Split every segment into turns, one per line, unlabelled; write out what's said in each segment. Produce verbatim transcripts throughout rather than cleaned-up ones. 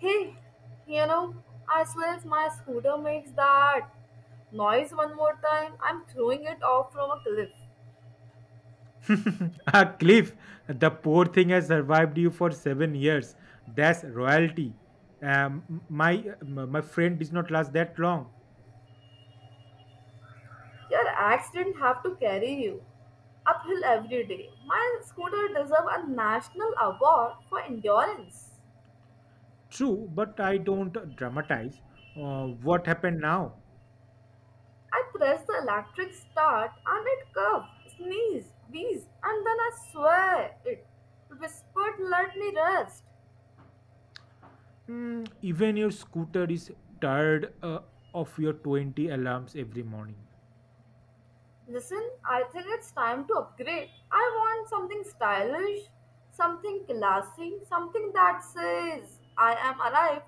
Hey, you know, I swear if my scooter makes that noise one more time, I'm throwing it off from a cliff.
Ah, Cliff, the poor thing has survived you for seven years. That's royalty. Um, my my friend did not last that long.
Your axe didn't have to carry you uphill every day. My scooter deserves a national award for endurance.
True, but I don't dramatize. Uh, what happened now?
I pressed the electric start and it curved, sneezed, wheezed, and then I swear it whispered, let me rest.
Mm, even your scooter is tired uh, of your twenty alarms every morning.
Listen, I think it's time to upgrade. I want something stylish, something classy, something that says, I am arrived.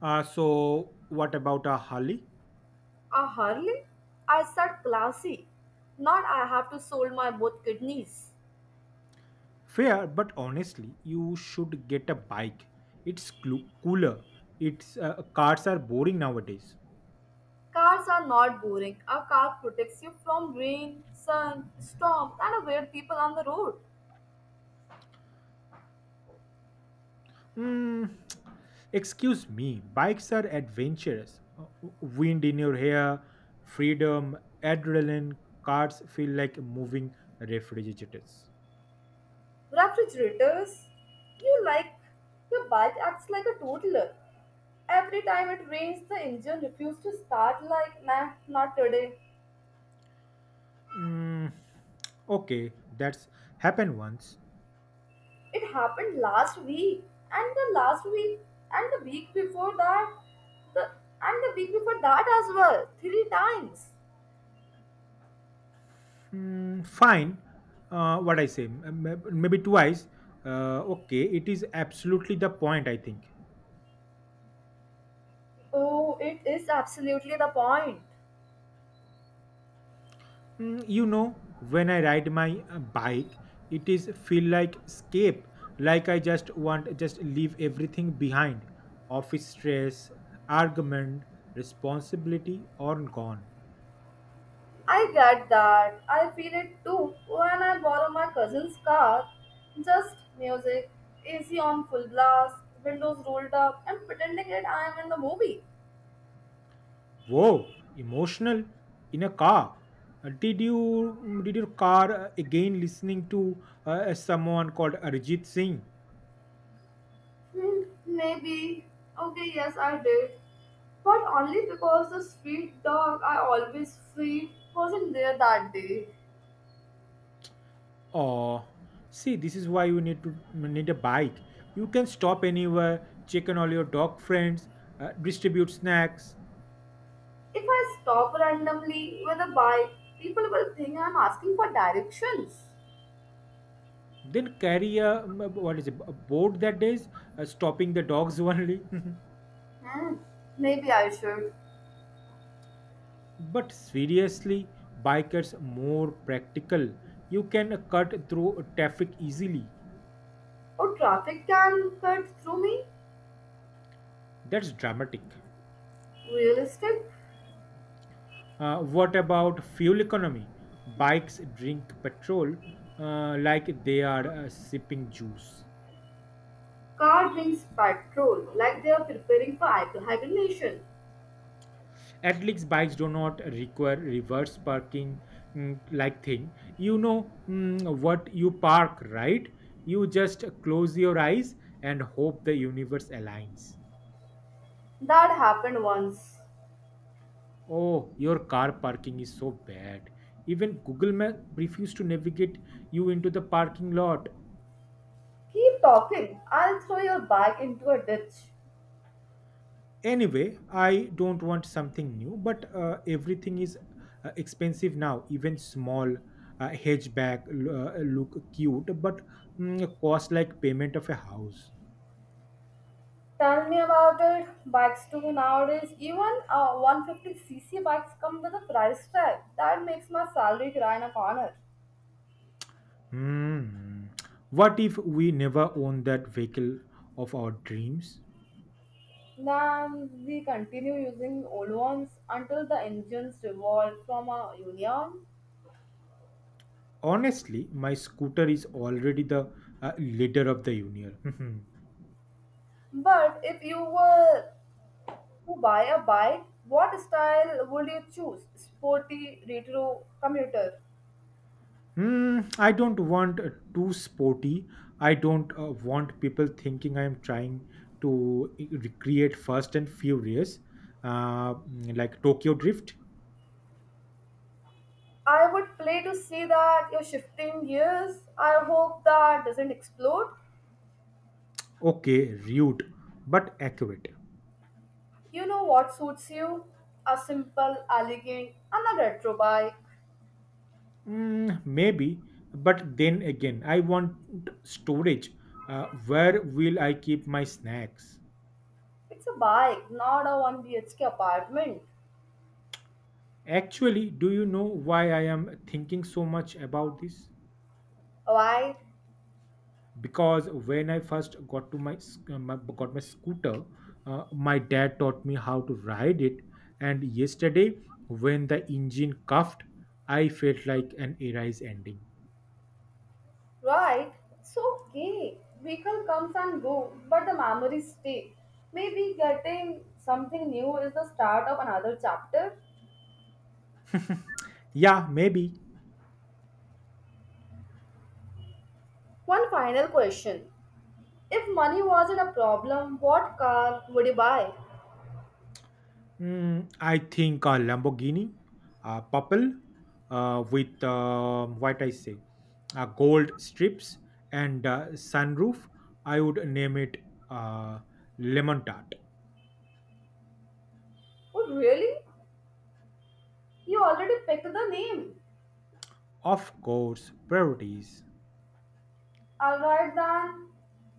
Uh, so, what about a Harley?
A Harley? I said classy. Not I have to sold my both kidneys.
Fair, but honestly, you should get a bike. It's clu- cooler. It's uh, Cars are boring nowadays.
Cars are not boring. A car protects you from rain, sun, storm, and weird people on the road.
Mm, Excuse me, bikes are adventurous. Uh, Wind in your hair, freedom, adrenaline, cars feel like moving refrigerators.
Refrigerators, you like your bike acts like a toddler. Every time it rains, the engine refuses to start like, nah, not today.
Mm, okay, that's happened once.
It happened last week, and the last week, and the week before that, the, and the week before that as well, three times.
Mm, fine. Uh, what I say, m- m- Maybe twice. Uh, okay, it is absolutely the point, I think.
Oh, it is absolutely the point.
Mm, you know, when I ride my uh, bike, it is feel like escape, like I just want just leave everything behind, office stress, argument, responsibility all gone.
I get that. I feel it too when I borrow my cousin's car. Just music, A C on full blast, windows rolled up, and pretending that I am in the movie.
Whoa, emotional in a car. Uh, did you mm, did your car uh, again listening to uh, someone called arjit singh?
Hmm, maybe. Okay, yes, I did. But only because the street dog I always feed wasn't there that day.
Oh, see, this is why you need to need a bike. You can stop anywhere, check on all your dog friends, uh, distribute snacks,
If I stop randomly with a bike, people will think I'm asking for directions.
then carry a um, what is it, a board that is uh, stopping the dogs only.
Hmm, maybe I should.
But seriously, bikers more practical. You can uh, cut through traffic easily.
Or traffic can cut through me.
That's dramatic.
Realistic?
Uh, what about fuel economy? Bikes drink petrol uh, like they are uh, sipping juice.
Car wings patrol like they are preparing for hi- hibernation.
At least bikes do not require reverse parking, mm, like thing, you know mm, what you park, right? You just close your eyes and hope the universe aligns.
That happened once.
Oh, your car parking is so bad, even google map refused to navigate you into the parking lot.
Keep talking. I'll throw your bag into a ditch.
Anyway, I don't want something new, but uh, everything is uh, expensive now. Even small uh, hatchback l- uh, look cute, but mm, cost like payment of a house.
Tell me about it. Bikes too nowadays. Even uh, one fifty c c bikes come with a price tag. That makes my salary cry in a corner.
Hmm. What if we never own that vehicle of our dreams?
Then we continue using old ones until the engines revolt from our union.
Honestly, my scooter is already the uh, leader of the union.
But if you were to buy a bike, what style would you choose? Sporty, retro, commuter?
Hmm, I don't want uh, too sporty. I don't uh, want people thinking I am trying to i- recreate Fast and Furious, uh, mm, like Tokyo Drift.
I would play to see that you're shifting gears. I hope that doesn't explode.
Okay, rude, but accurate.
You know what suits you? A simple, elegant, and a retro bike.
Mm, maybe, but then again, I want storage. Uh, where will I keep my snacks?
It's a bike, not a one B H K apartment.
Actually, do you know why I am thinking so much about this?
Why?
Because when I first got to my, sc- uh, my got my scooter, uh, my dad taught me how to ride it. And yesterday, when the engine cuffed, I felt like an era's ending.
Right? It's okay. Vehicle comes and go, but the memories stay. Maybe getting something new is the start of another chapter.
Yeah, maybe.
One final question. If money wasn't a problem, what car would you buy?
Mm, I think a lamborghini, a purple, uh, with um what I say uh, gold strips and uh, sunroof. I would name it, uh, lemon tart.
Oh, really? You already picked the name.
Of course, priorities.
Alright then.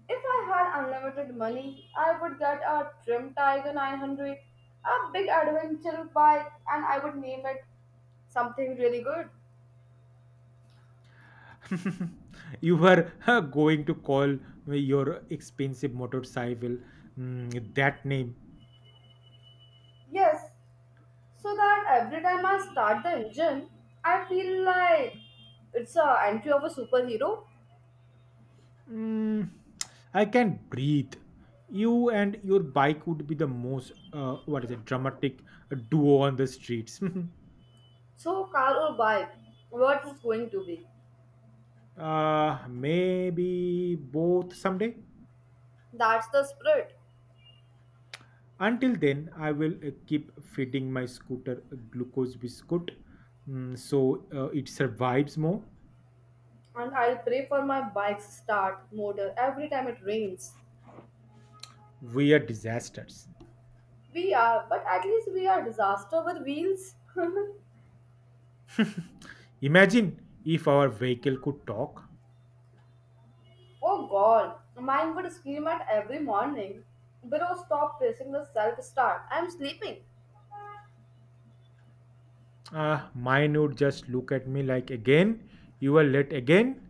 If I had unlimited money, I would get a trim Tiger nine hundred, a big adventure bike, and I would name it something really good.
You were uh, going to call me your expensive motorcycle, mm, that name.
Yes, so that every time I start the engine, I feel like it's a entry of a superhero.
Mm, I can breathe. You and your bike would be the most, uh, what is it, dramatic uh, duo on the streets.
So car or bike, what is going to be?
Uh, maybe both someday.
That's the spirit.
Until then, I will uh, keep feeding my scooter a glucose biscuit, mm, so uh, it survives more.
And I'll pray for my bike's start motor every time it rains.
We are disasters.
We are, but at least we are disaster with wheels.
Imagine if our vehicle could talk.
Oh god, mine would scream at every morning. Bro, stop pressing the self start. I'm sleeping.
Uh, mine would just look at me like, again, you were late again.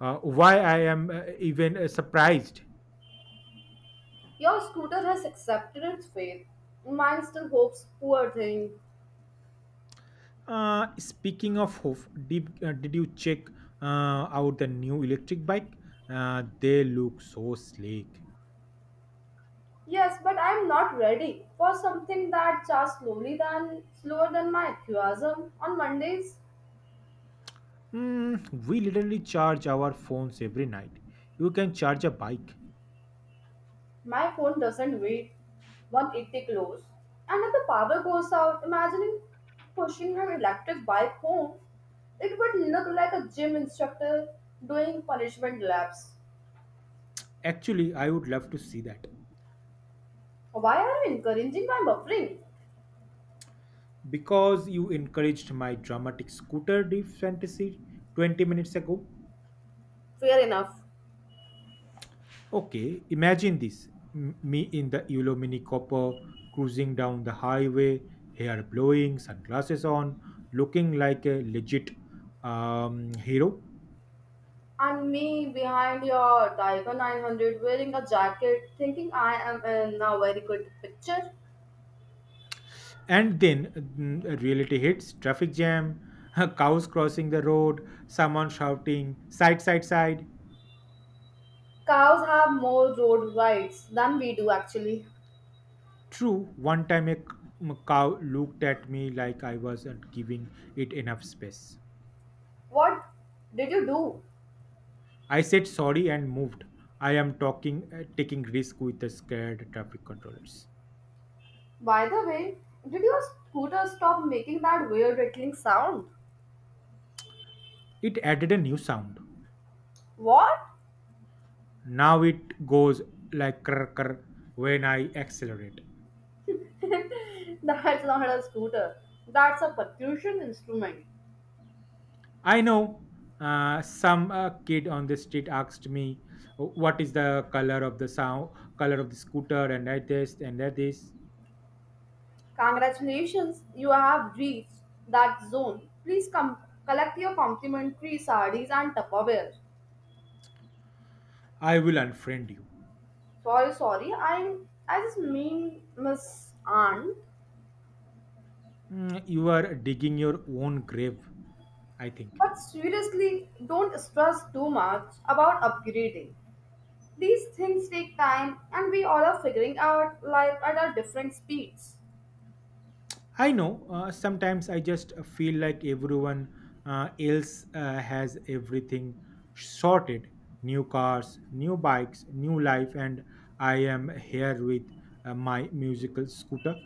Uh, why I am uh, even uh, Surprised.
Your scooter has accepted its fate. Mine still hopes, poor thing.
Uh, speaking of hoof, did, uh, Did you check uh, out the new electric bike? Uh, they look so sleek.
Yes, but I'm not ready for something that charges slowly than slower than my enthusiasm on Mondays.
Mm, we literally charge our phones every night. You can charge a bike.
My phone doesn't wait one eighty close. And if the power goes out, imagining pushing her electric bike home, it would look like a gym instructor doing punishment laps.
Actually, I would love to see that.
Why are you encouraging my buffering?
Because you encouraged my dramatic scooter deep fantasy twenty minutes ago.
Fair enough.
Okay, imagine this, m- me in the Eulo Mini copper cruising down the highway, hair blowing, sunglasses on, looking like a legit um, hero.
And me behind your Tiger nine hundred wearing a jacket, thinking I am in a very good picture.
And then, mm, reality hits, traffic jam, cows crossing the road, someone shouting, side, side, side.
Cows have more road rights than we do, actually.
True, one time a c- m- cow looked at me like I wasn't giving it enough space.
What did you do?
I said sorry and moved. I am talking, uh, taking risk with the scared traffic controllers.
By the way, did your scooter stop making that weird rattling sound?
It added a new sound.
What?
Now it goes like krr krr when I accelerate.
That's not a scooter. That's a percussion instrument.
I know, uh, some uh, kid on the street asked me, "Oh, what is the color of the sound? Color of the scooter?" And that this and that this.
Congratulations, you have reached that zone. Please come collect your complimentary sardines and Tupperware.
I will unfriend you.
Sorry, sorry, I I just mean Miss Aunt.
Mm, you are digging your own grave, I think.
But seriously, don't stress too much about upgrading. These things take time, and we all are figuring out life at our different speeds.
I know. Uh, sometimes I just feel like everyone uh, else uh, has everything sorted, new cars, new bikes, new life, and I am here with uh, my musical scooter.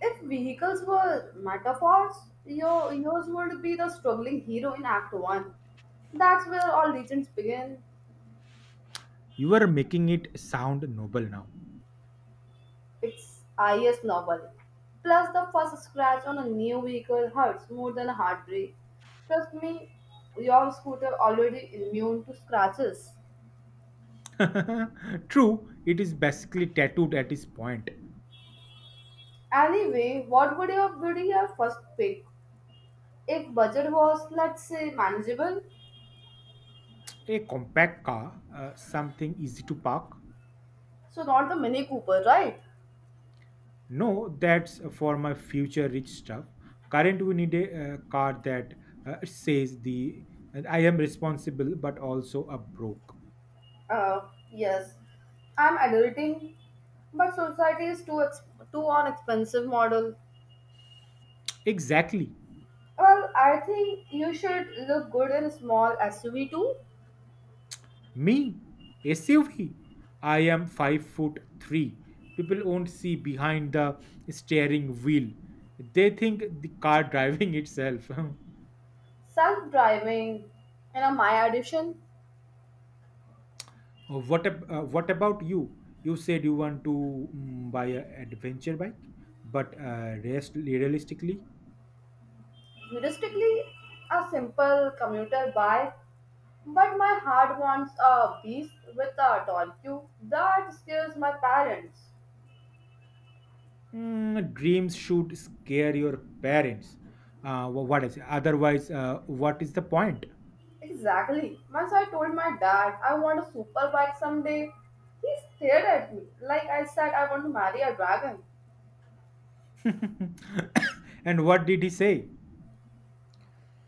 If vehicles were metaphors, your yours would be the struggling hero in Act one. That's where all legends begin.
You are making it sound noble now.
It's I S novel. Plus, the first scratch on a new vehicle hurts more than a heartbreak. Trust me, your scooter already immune to scratches.
True, it is basically tattooed at this point.
Anyway, what would your would be your first pick? If budget was, let's say, manageable,
A compact car, uh, something easy to park.
so not the Mini Cooper, right?
No, that's for my future rich stuff. Current, we need a uh, card that uh, says the, I am responsible, but also a broke.
Uh, yes, I'm adulting, but society is too ex- too on expensive model.
Exactly.
Well, I think you should look good in small S U V too.
Me, S U V. I am five foot three. People won't see behind the steering wheel. They think the car driving itself.
Self-driving, you know, my addition,
Oh, what ab- uh, What about you? You said you want to, mm, buy an adventure bike, but uh, rest realistically,
realistically, a simple commuter bike. But my heart wants a beast with a torque that scares my parents.
Mm, dreams should scare your parents. Uh, wh- what is it? Otherwise, uh, what is the point?
Exactly. Once I told my dad I want a super bike someday, he stared at me like I said I want to marry a dragon.
And what did he say?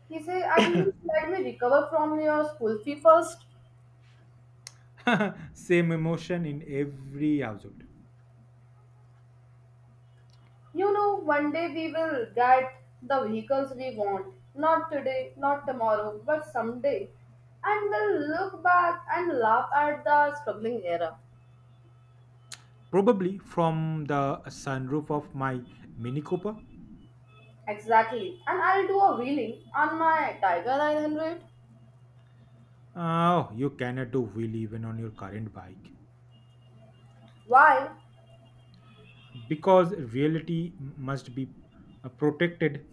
He said, "At least let me recover from your school fee first."
Same emotion in every household.
You know, one day we will get the vehicles we want. Not today, not tomorrow, but someday. And we'll look back and laugh at the struggling era.
Probably from the sunroof of my Mini Cooper.
Exactly. And I'll do a wheeling on my Tiger nine hundred.
Oh, you cannot do wheel even on your current bike
Why?
because reality m- must be uh, protected.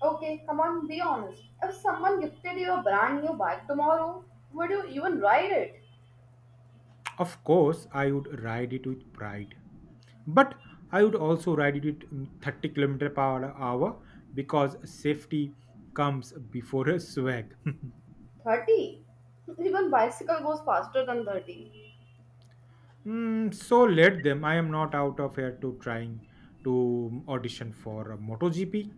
Okay, come on, be honest. If someone gifted you a brand new bike tomorrow, would you even ride it?
Of course, I would ride it with pride. But I would also ride it in thirty kilometer per hour because safety comes before a swag.
thirty? Even bicycle goes faster than thirty.
Mm, so let them, I am not out of here to trying to audition for a MotoGP.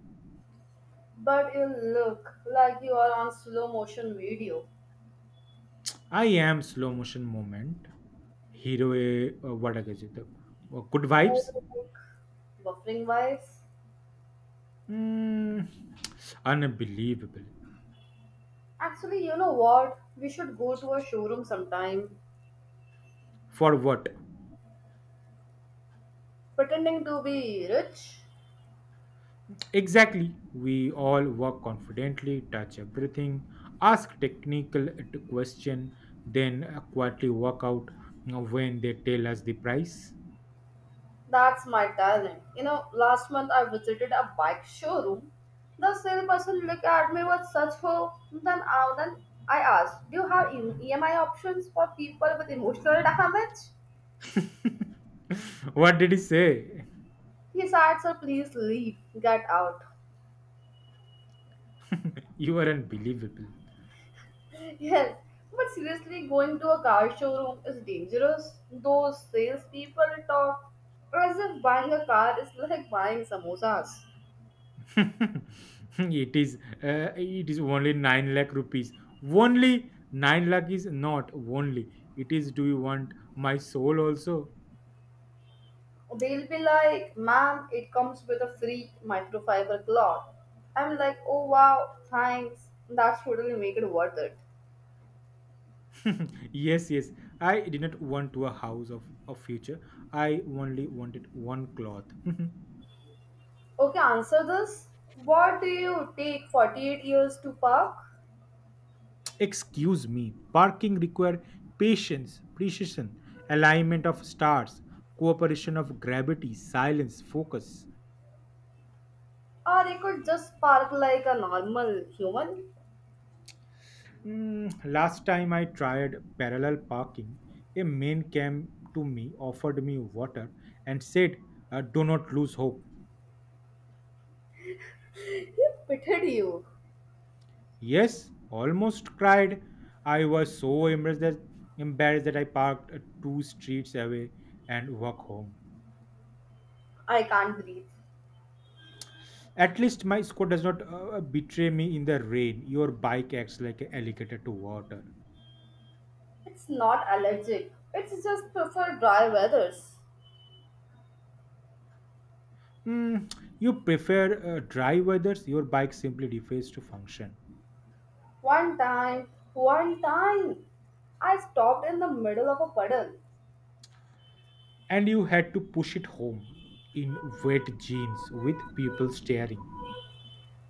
But you look like you are on slow motion video.
I am slow motion moment. Hero eh, uh, what I guess it, uh, good
More
vibes.
like buffering wise.
Mm, unbelievable.
Actually, you know what? We should go to a showroom sometime,
For what?
pretending to be rich.
Exactly. We all work confidently, touch everything, ask technical t- question, then uh, quietly walk out you when they tell us the price.
That's my talent. You know, last month I visited a bike showroom. The salesperson looked at me with such hope. Then, I then I asked, "Do you have E M I options for people with emotional damage?"
What did he say?
He said, "Sir, please leave. Get out."
You are unbelievable.
Yes, but seriously, going to a car showroom is dangerous. Those salespeople talk as if buying a car is like buying samosas.
it is uh, it is only nine lakh rupees. Only nine lakh is not only. It is, do you want my soul also?
They'll be like, ma'am, it comes with a free microfiber cloth. I'm like, oh wow, thanks. That's totally make it worth it.
Yes, yes. I did not want to a house of a future. I only wanted one cloth.
Okay, answer this. What do you take forty-eight years to park?
Excuse me. Parking require patience, precision, alignment of stars, cooperation of gravity, silence, focus.
Or you could just park like a normal human?
Mm, last time I tried parallel parking, a man came to me, offered me water, and said, uh, "Do not lose hope."
He pitted you.
Yes, almost cried. I was so embarrassed that, embarrassed that I parked uh, two streets away and walk home.
I can't breathe.
At least my score does not uh, uh, betray me in the rain. Your bike acts like an alligator to water.
It's not allergic. It's just prefer dry weathers.
Hmm, you prefer uh, dry weathers. Your bike simply defies to function.
One time, one time, I stopped in the middle of a puddle.
And you had to push it home in wet jeans with people staring.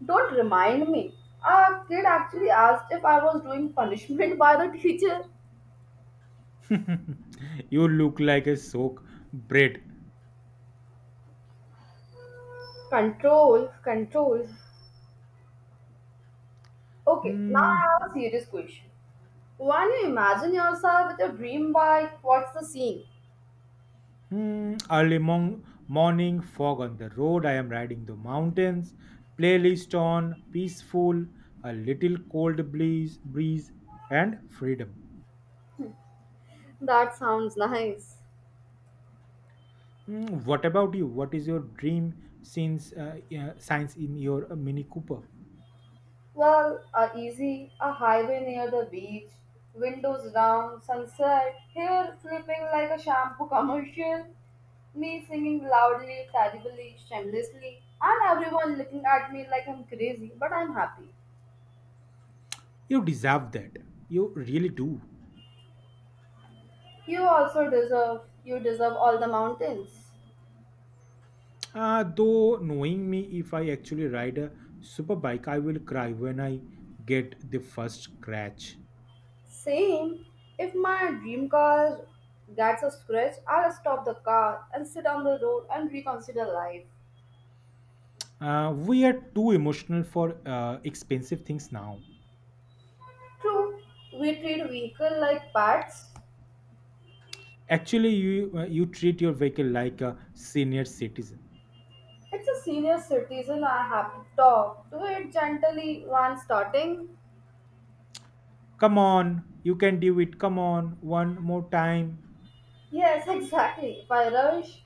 Don't remind me. A kid actually asked if I was doing punishment by the teacher.
You look like a soak bread.
Control, control. Okay, now
Hmm.
I have a serious question. When you imagine yourself with your dream bike, what's the scene?
Hmm, early mon- morning, fog on the road. I am riding the mountains. Playlist on, peaceful, a little cold breeze, breeze, and freedom.
That sounds nice.
Hmm, what about you? What is your dream since uh, uh, science in your uh, Mini Cooper?
Well, uh, easy, a highway near the beach, windows down, sunset, hair flipping like a shampoo commercial, me singing loudly, terribly, shamelessly, and everyone looking at me like I'm crazy, but I'm happy.
You deserve that. You really do.
You also deserve, you deserve all the mountains.
Uh, though knowing me, if I actually ride a super bike, I will cry when I get the first scratch.
Same, if my dream car gets a scratch, I'll stop the car and sit on the road and reconsider life.
Uh, we are too emotional for uh, expensive things now.
True, we treat vehicle like pets,
Actually, you uh, you treat your vehicle like a senior citizen.
it's a senior citizen I have to talk. Do it gently when starting.
Come on, you can do it. Come on, one more time.
Yes, exactly. If I rush,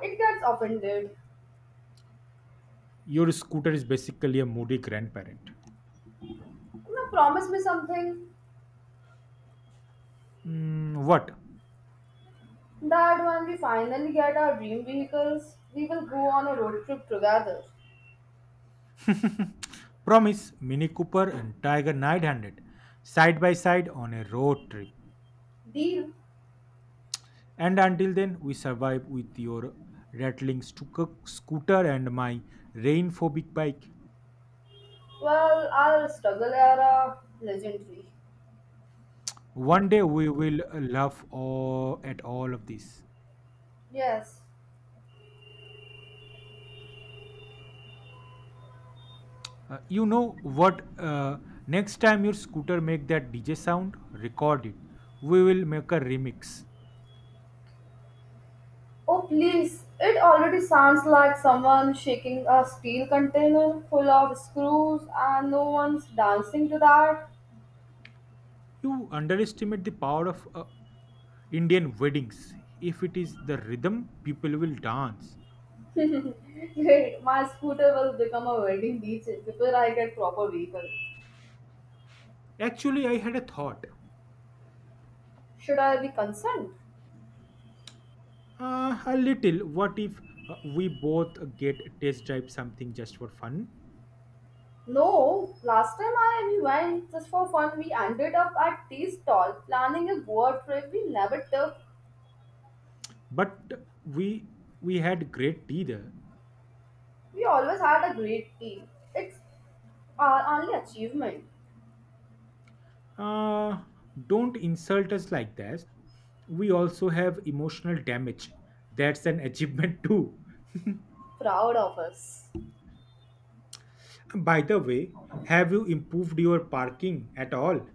it gets offended.
Your scooter is basically a moody grandparent.
Now promise me something
Mm, what?
that when we finally get our dream vehicles, we will go on a road trip together.
Promise, Mini Cooper and Tiger nine hundred side by side on a road trip.
Deal?
And until then, we survive with your rattling stuka- scooter and my rain phobic bike.
Well, our struggle era legendary.
One day we will laugh all, at all of this.
Yes.
Uh, you know what? Uh, next time your scooter make that D J sound, record it. We will make a remix.
Oh please, it already sounds like someone shaking a steel container full of screws and no one's dancing to that.
You underestimate the power of uh, Indian weddings. If it is the rhythm, people will dance.
Wait, my scooter will become a wedding beach before I get proper vehicle.
Actually, I had a thought.
Should I be concerned?
Uh, a little. What if uh, we both get test drive something just for fun?
No, last time I we went just for fun, we ended up at tea stall planning a Goa trip we never took.
But we we had great tea there.
We always had a great tea. It's our only achievement.
Uh, don't insult us like that. We also have emotional damage. That's an achievement too.
Proud of us.
By the way, have you improved your parking at all?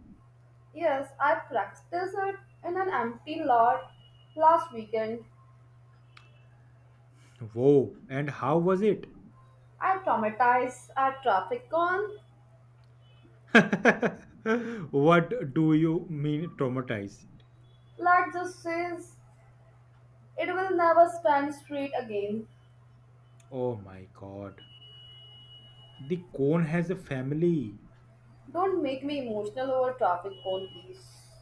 Yes, I practiced it in an empty lot last weekend.
Whoa, and how was it?
I traumatized at traffic con.
What do you mean traumatized?
Let's just say it will never stand straight again.
Oh my god. The cone has a family.
Don't make me emotional over traffic cone, please.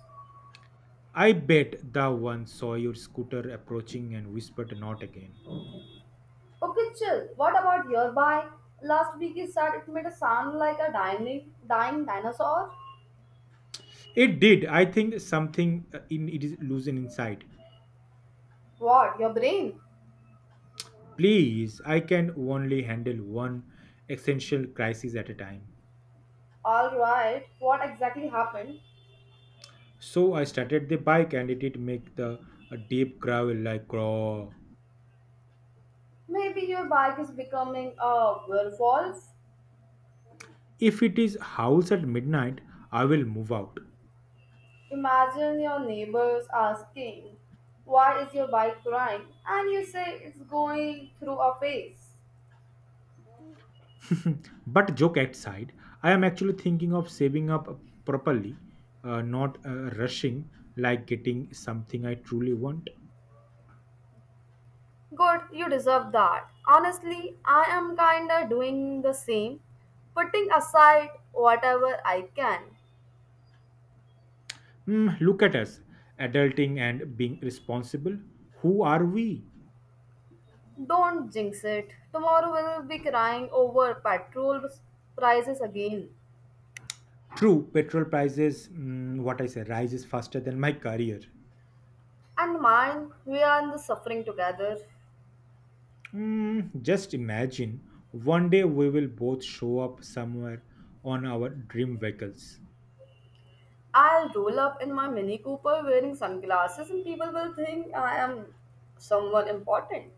I bet the one saw your scooter approaching and whispered, not again.
Okay, chill. What about your bye? Last week you said it made a sound like a dying, dying dinosaur.
It did. I think something uh, in it is losing inside.
What? Your brain?
Please, I can only handle one essential crisis at a time.
Alright, what exactly happened?
So I started the bike and it did make the a deep growl like craw.
Maybe your bike is becoming a werewolf.
If it is house at midnight, I will move out.
Imagine your neighbors asking, why is your bike crying? And you say it's going through a phase.
But joke aside, I am actually thinking of saving up properly, uh, not uh, rushing, like getting something I truly want.
Good, you deserve that. Honestly, I am kinda doing the same, putting aside whatever I can.
Hmm, look at us, adulting and being responsible. Who are we?
Don't jinx it. Tomorrow we'll be crying over petrol prices again.
True, petrol prices, mm, what I say, rises faster than my career.
And mine, we are in the suffering together.
Mm, just imagine, one day we will both show up somewhere on our dream vehicles.
I'll roll up in my Mini Cooper wearing sunglasses, and people will think I am someone important.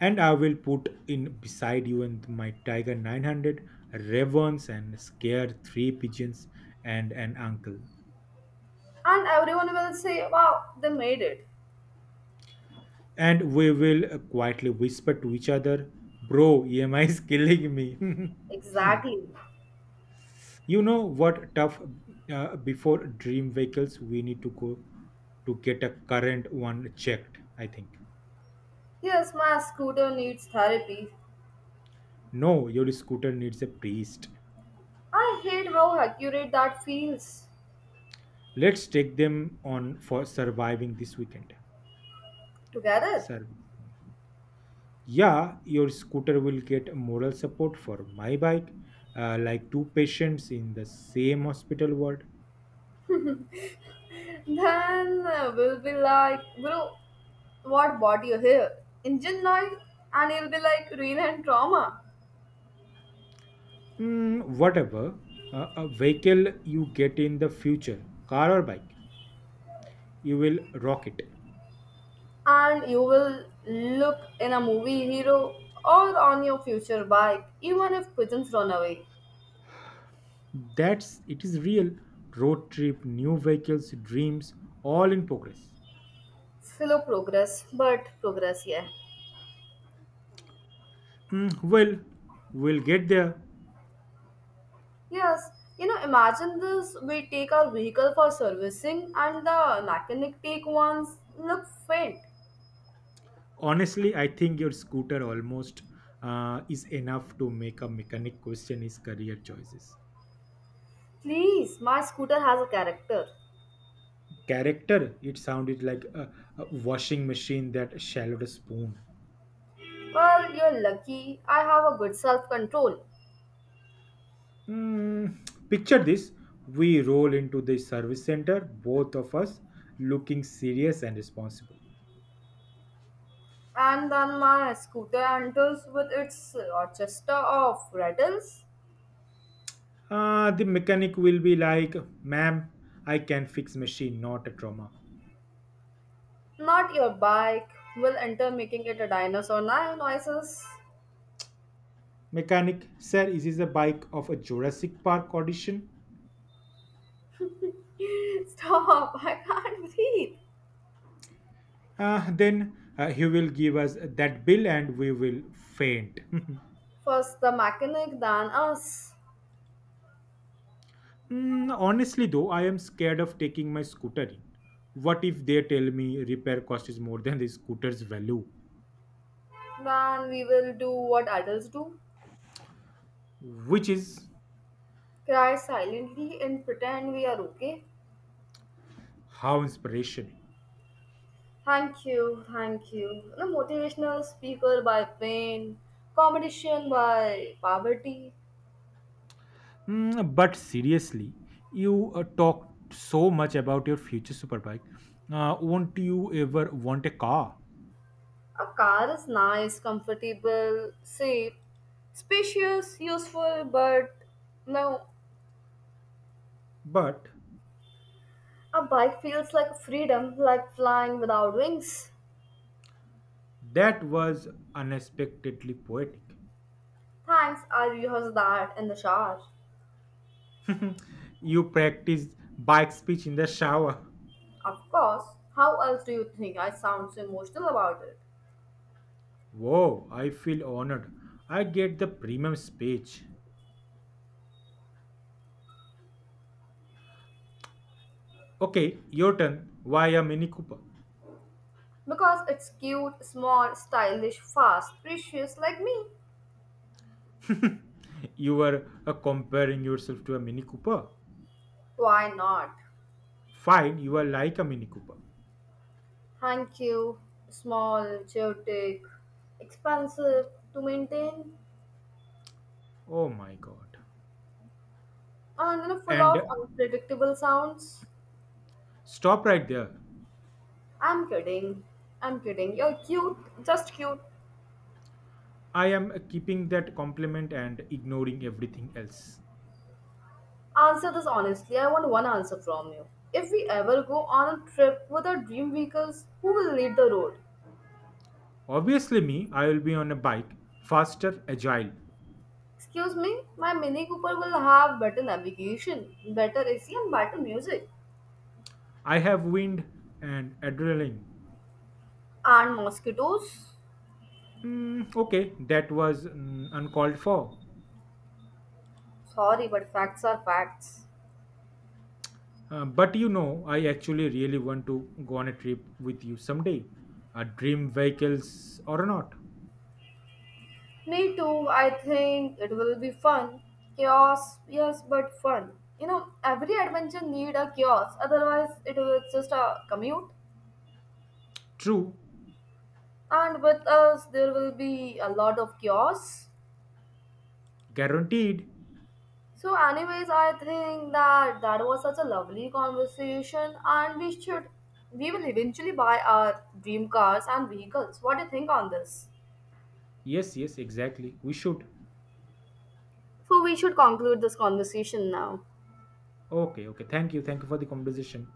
And I will put in beside you in my Tiger nine hundred ravens and scare three pigeons and an uncle.
And everyone will say, wow, they made it.
And we will uh, quietly whisper to each other, bro, E M I is killing me.
Exactly.
you know what tough uh, Before dream vehicles, we need to go to get a current one checked, I think.
Yes, my scooter needs therapy.
No, your scooter needs a priest.
I hate how accurate that feels
Let's take them on for surviving this weekend.
together.
Service. Yeah, your scooter will get moral support for my bike, uh, like two patients in the same hospital ward.
Then uh, we'll be like, bro, what brought you here? Indian life? And he'll be like, real and trauma.
Mm, whatever uh, a vehicle you get in the future, car or bike, you will rock it.
And you will look in a movie hero or on your future bike, even if pigeons run away.
That's it is real road trip, new vehicles, dreams, all in progress.
Slow progress, but progress, yeah.
Mm, well, we'll get there.
Yes, you know, imagine this we take our vehicle for servicing and the mechanic take one's look faint.
Honestly, I think your scooter almost uh, is enough to make a mechanic question his career choices.
Please, my scooter has a character.
Character, it sounded like a, a washing machine that swallowed a spoon.
Well, you're lucky. I have a good self control.
Mm, picture this, we roll into the service center, both of us looking serious and responsible.
And then my scooter enters with its orchestra of rattles.
Uh, the mechanic will be like, ma'am, I can fix machine, not a trauma.
Not your bike will enter, making it a dinosaur now noises.
Mechanic sir, is this a bike of a jurassic park audition?
Stop, I can't breathe.
Uh, then uh, He will give us that bill and we will faint.
First the mechanic, then us.
Mm, honestly though, I am scared of taking my scooter in. What if they tell me repair cost is more than the scooter's value?
Then we will do what adults do
Which is,
cry silently and pretend we are okay.
how inspirational.
Thank you, thank you. A motivational speaker by pain, competition by poverty.
Mm, but seriously, you uh, talk so much about your future superbike. Uh, won't you ever want a car?
A car is nice, comfortable, safe, spacious, useful, but no.
But
A bike feels like freedom, like flying without wings.
that was unexpectedly poetic.
Thanks, I rehearsed that in the shower.
You practiced bike speech in the shower.
Of course, how else do you think I sound so emotional about it?
Whoa, I feel honored. I get the premium speech. Okay, your turn. Why a Mini Cooper?
Because it's cute, small, stylish, fast, precious like me.
You were uh, comparing yourself to a Mini Cooper.
Why not?
Fine, you are like a Mini Cooper.
Thank you. Small, chaotic, expensive to maintain,
Oh my god.
and you know, full
And
of
uh,
unpredictable sounds.
stop right there.
I'm kidding. I'm kidding. You're cute, just cute.
I am uh, keeping that compliment and ignoring everything else.
Answer this honestly. I want one answer from you. If we ever go on a trip with our dream vehicles, who will lead the road?
Obviously, me, I will be on a bike, faster, agile.
Excuse me, my Mini Cooper will have better navigation, better A C, and better music.
I have wind and adrenaline.
And mosquitoes?
Mm, okay, that was mm, uncalled for.
Sorry, but facts are facts.
Uh, but you know, I actually really want to go on a trip with you someday. A dream vehicles or not.
Me too. I think it will be fun. Chaos, yes, but fun. You know, every adventure need a chaos. Otherwise, it was just a commute.
True,
And with us, there will be a lot of chaos.
guaranteed.
So, anyways, I think that that was such a lovely conversation, and we should, we will eventually buy our dream cars and vehicles. What do you think on this?
Yes, yes, exactly. We should.
So, we should conclude this conversation now.
Okay, okay. Thank you. Thank you for the conversation.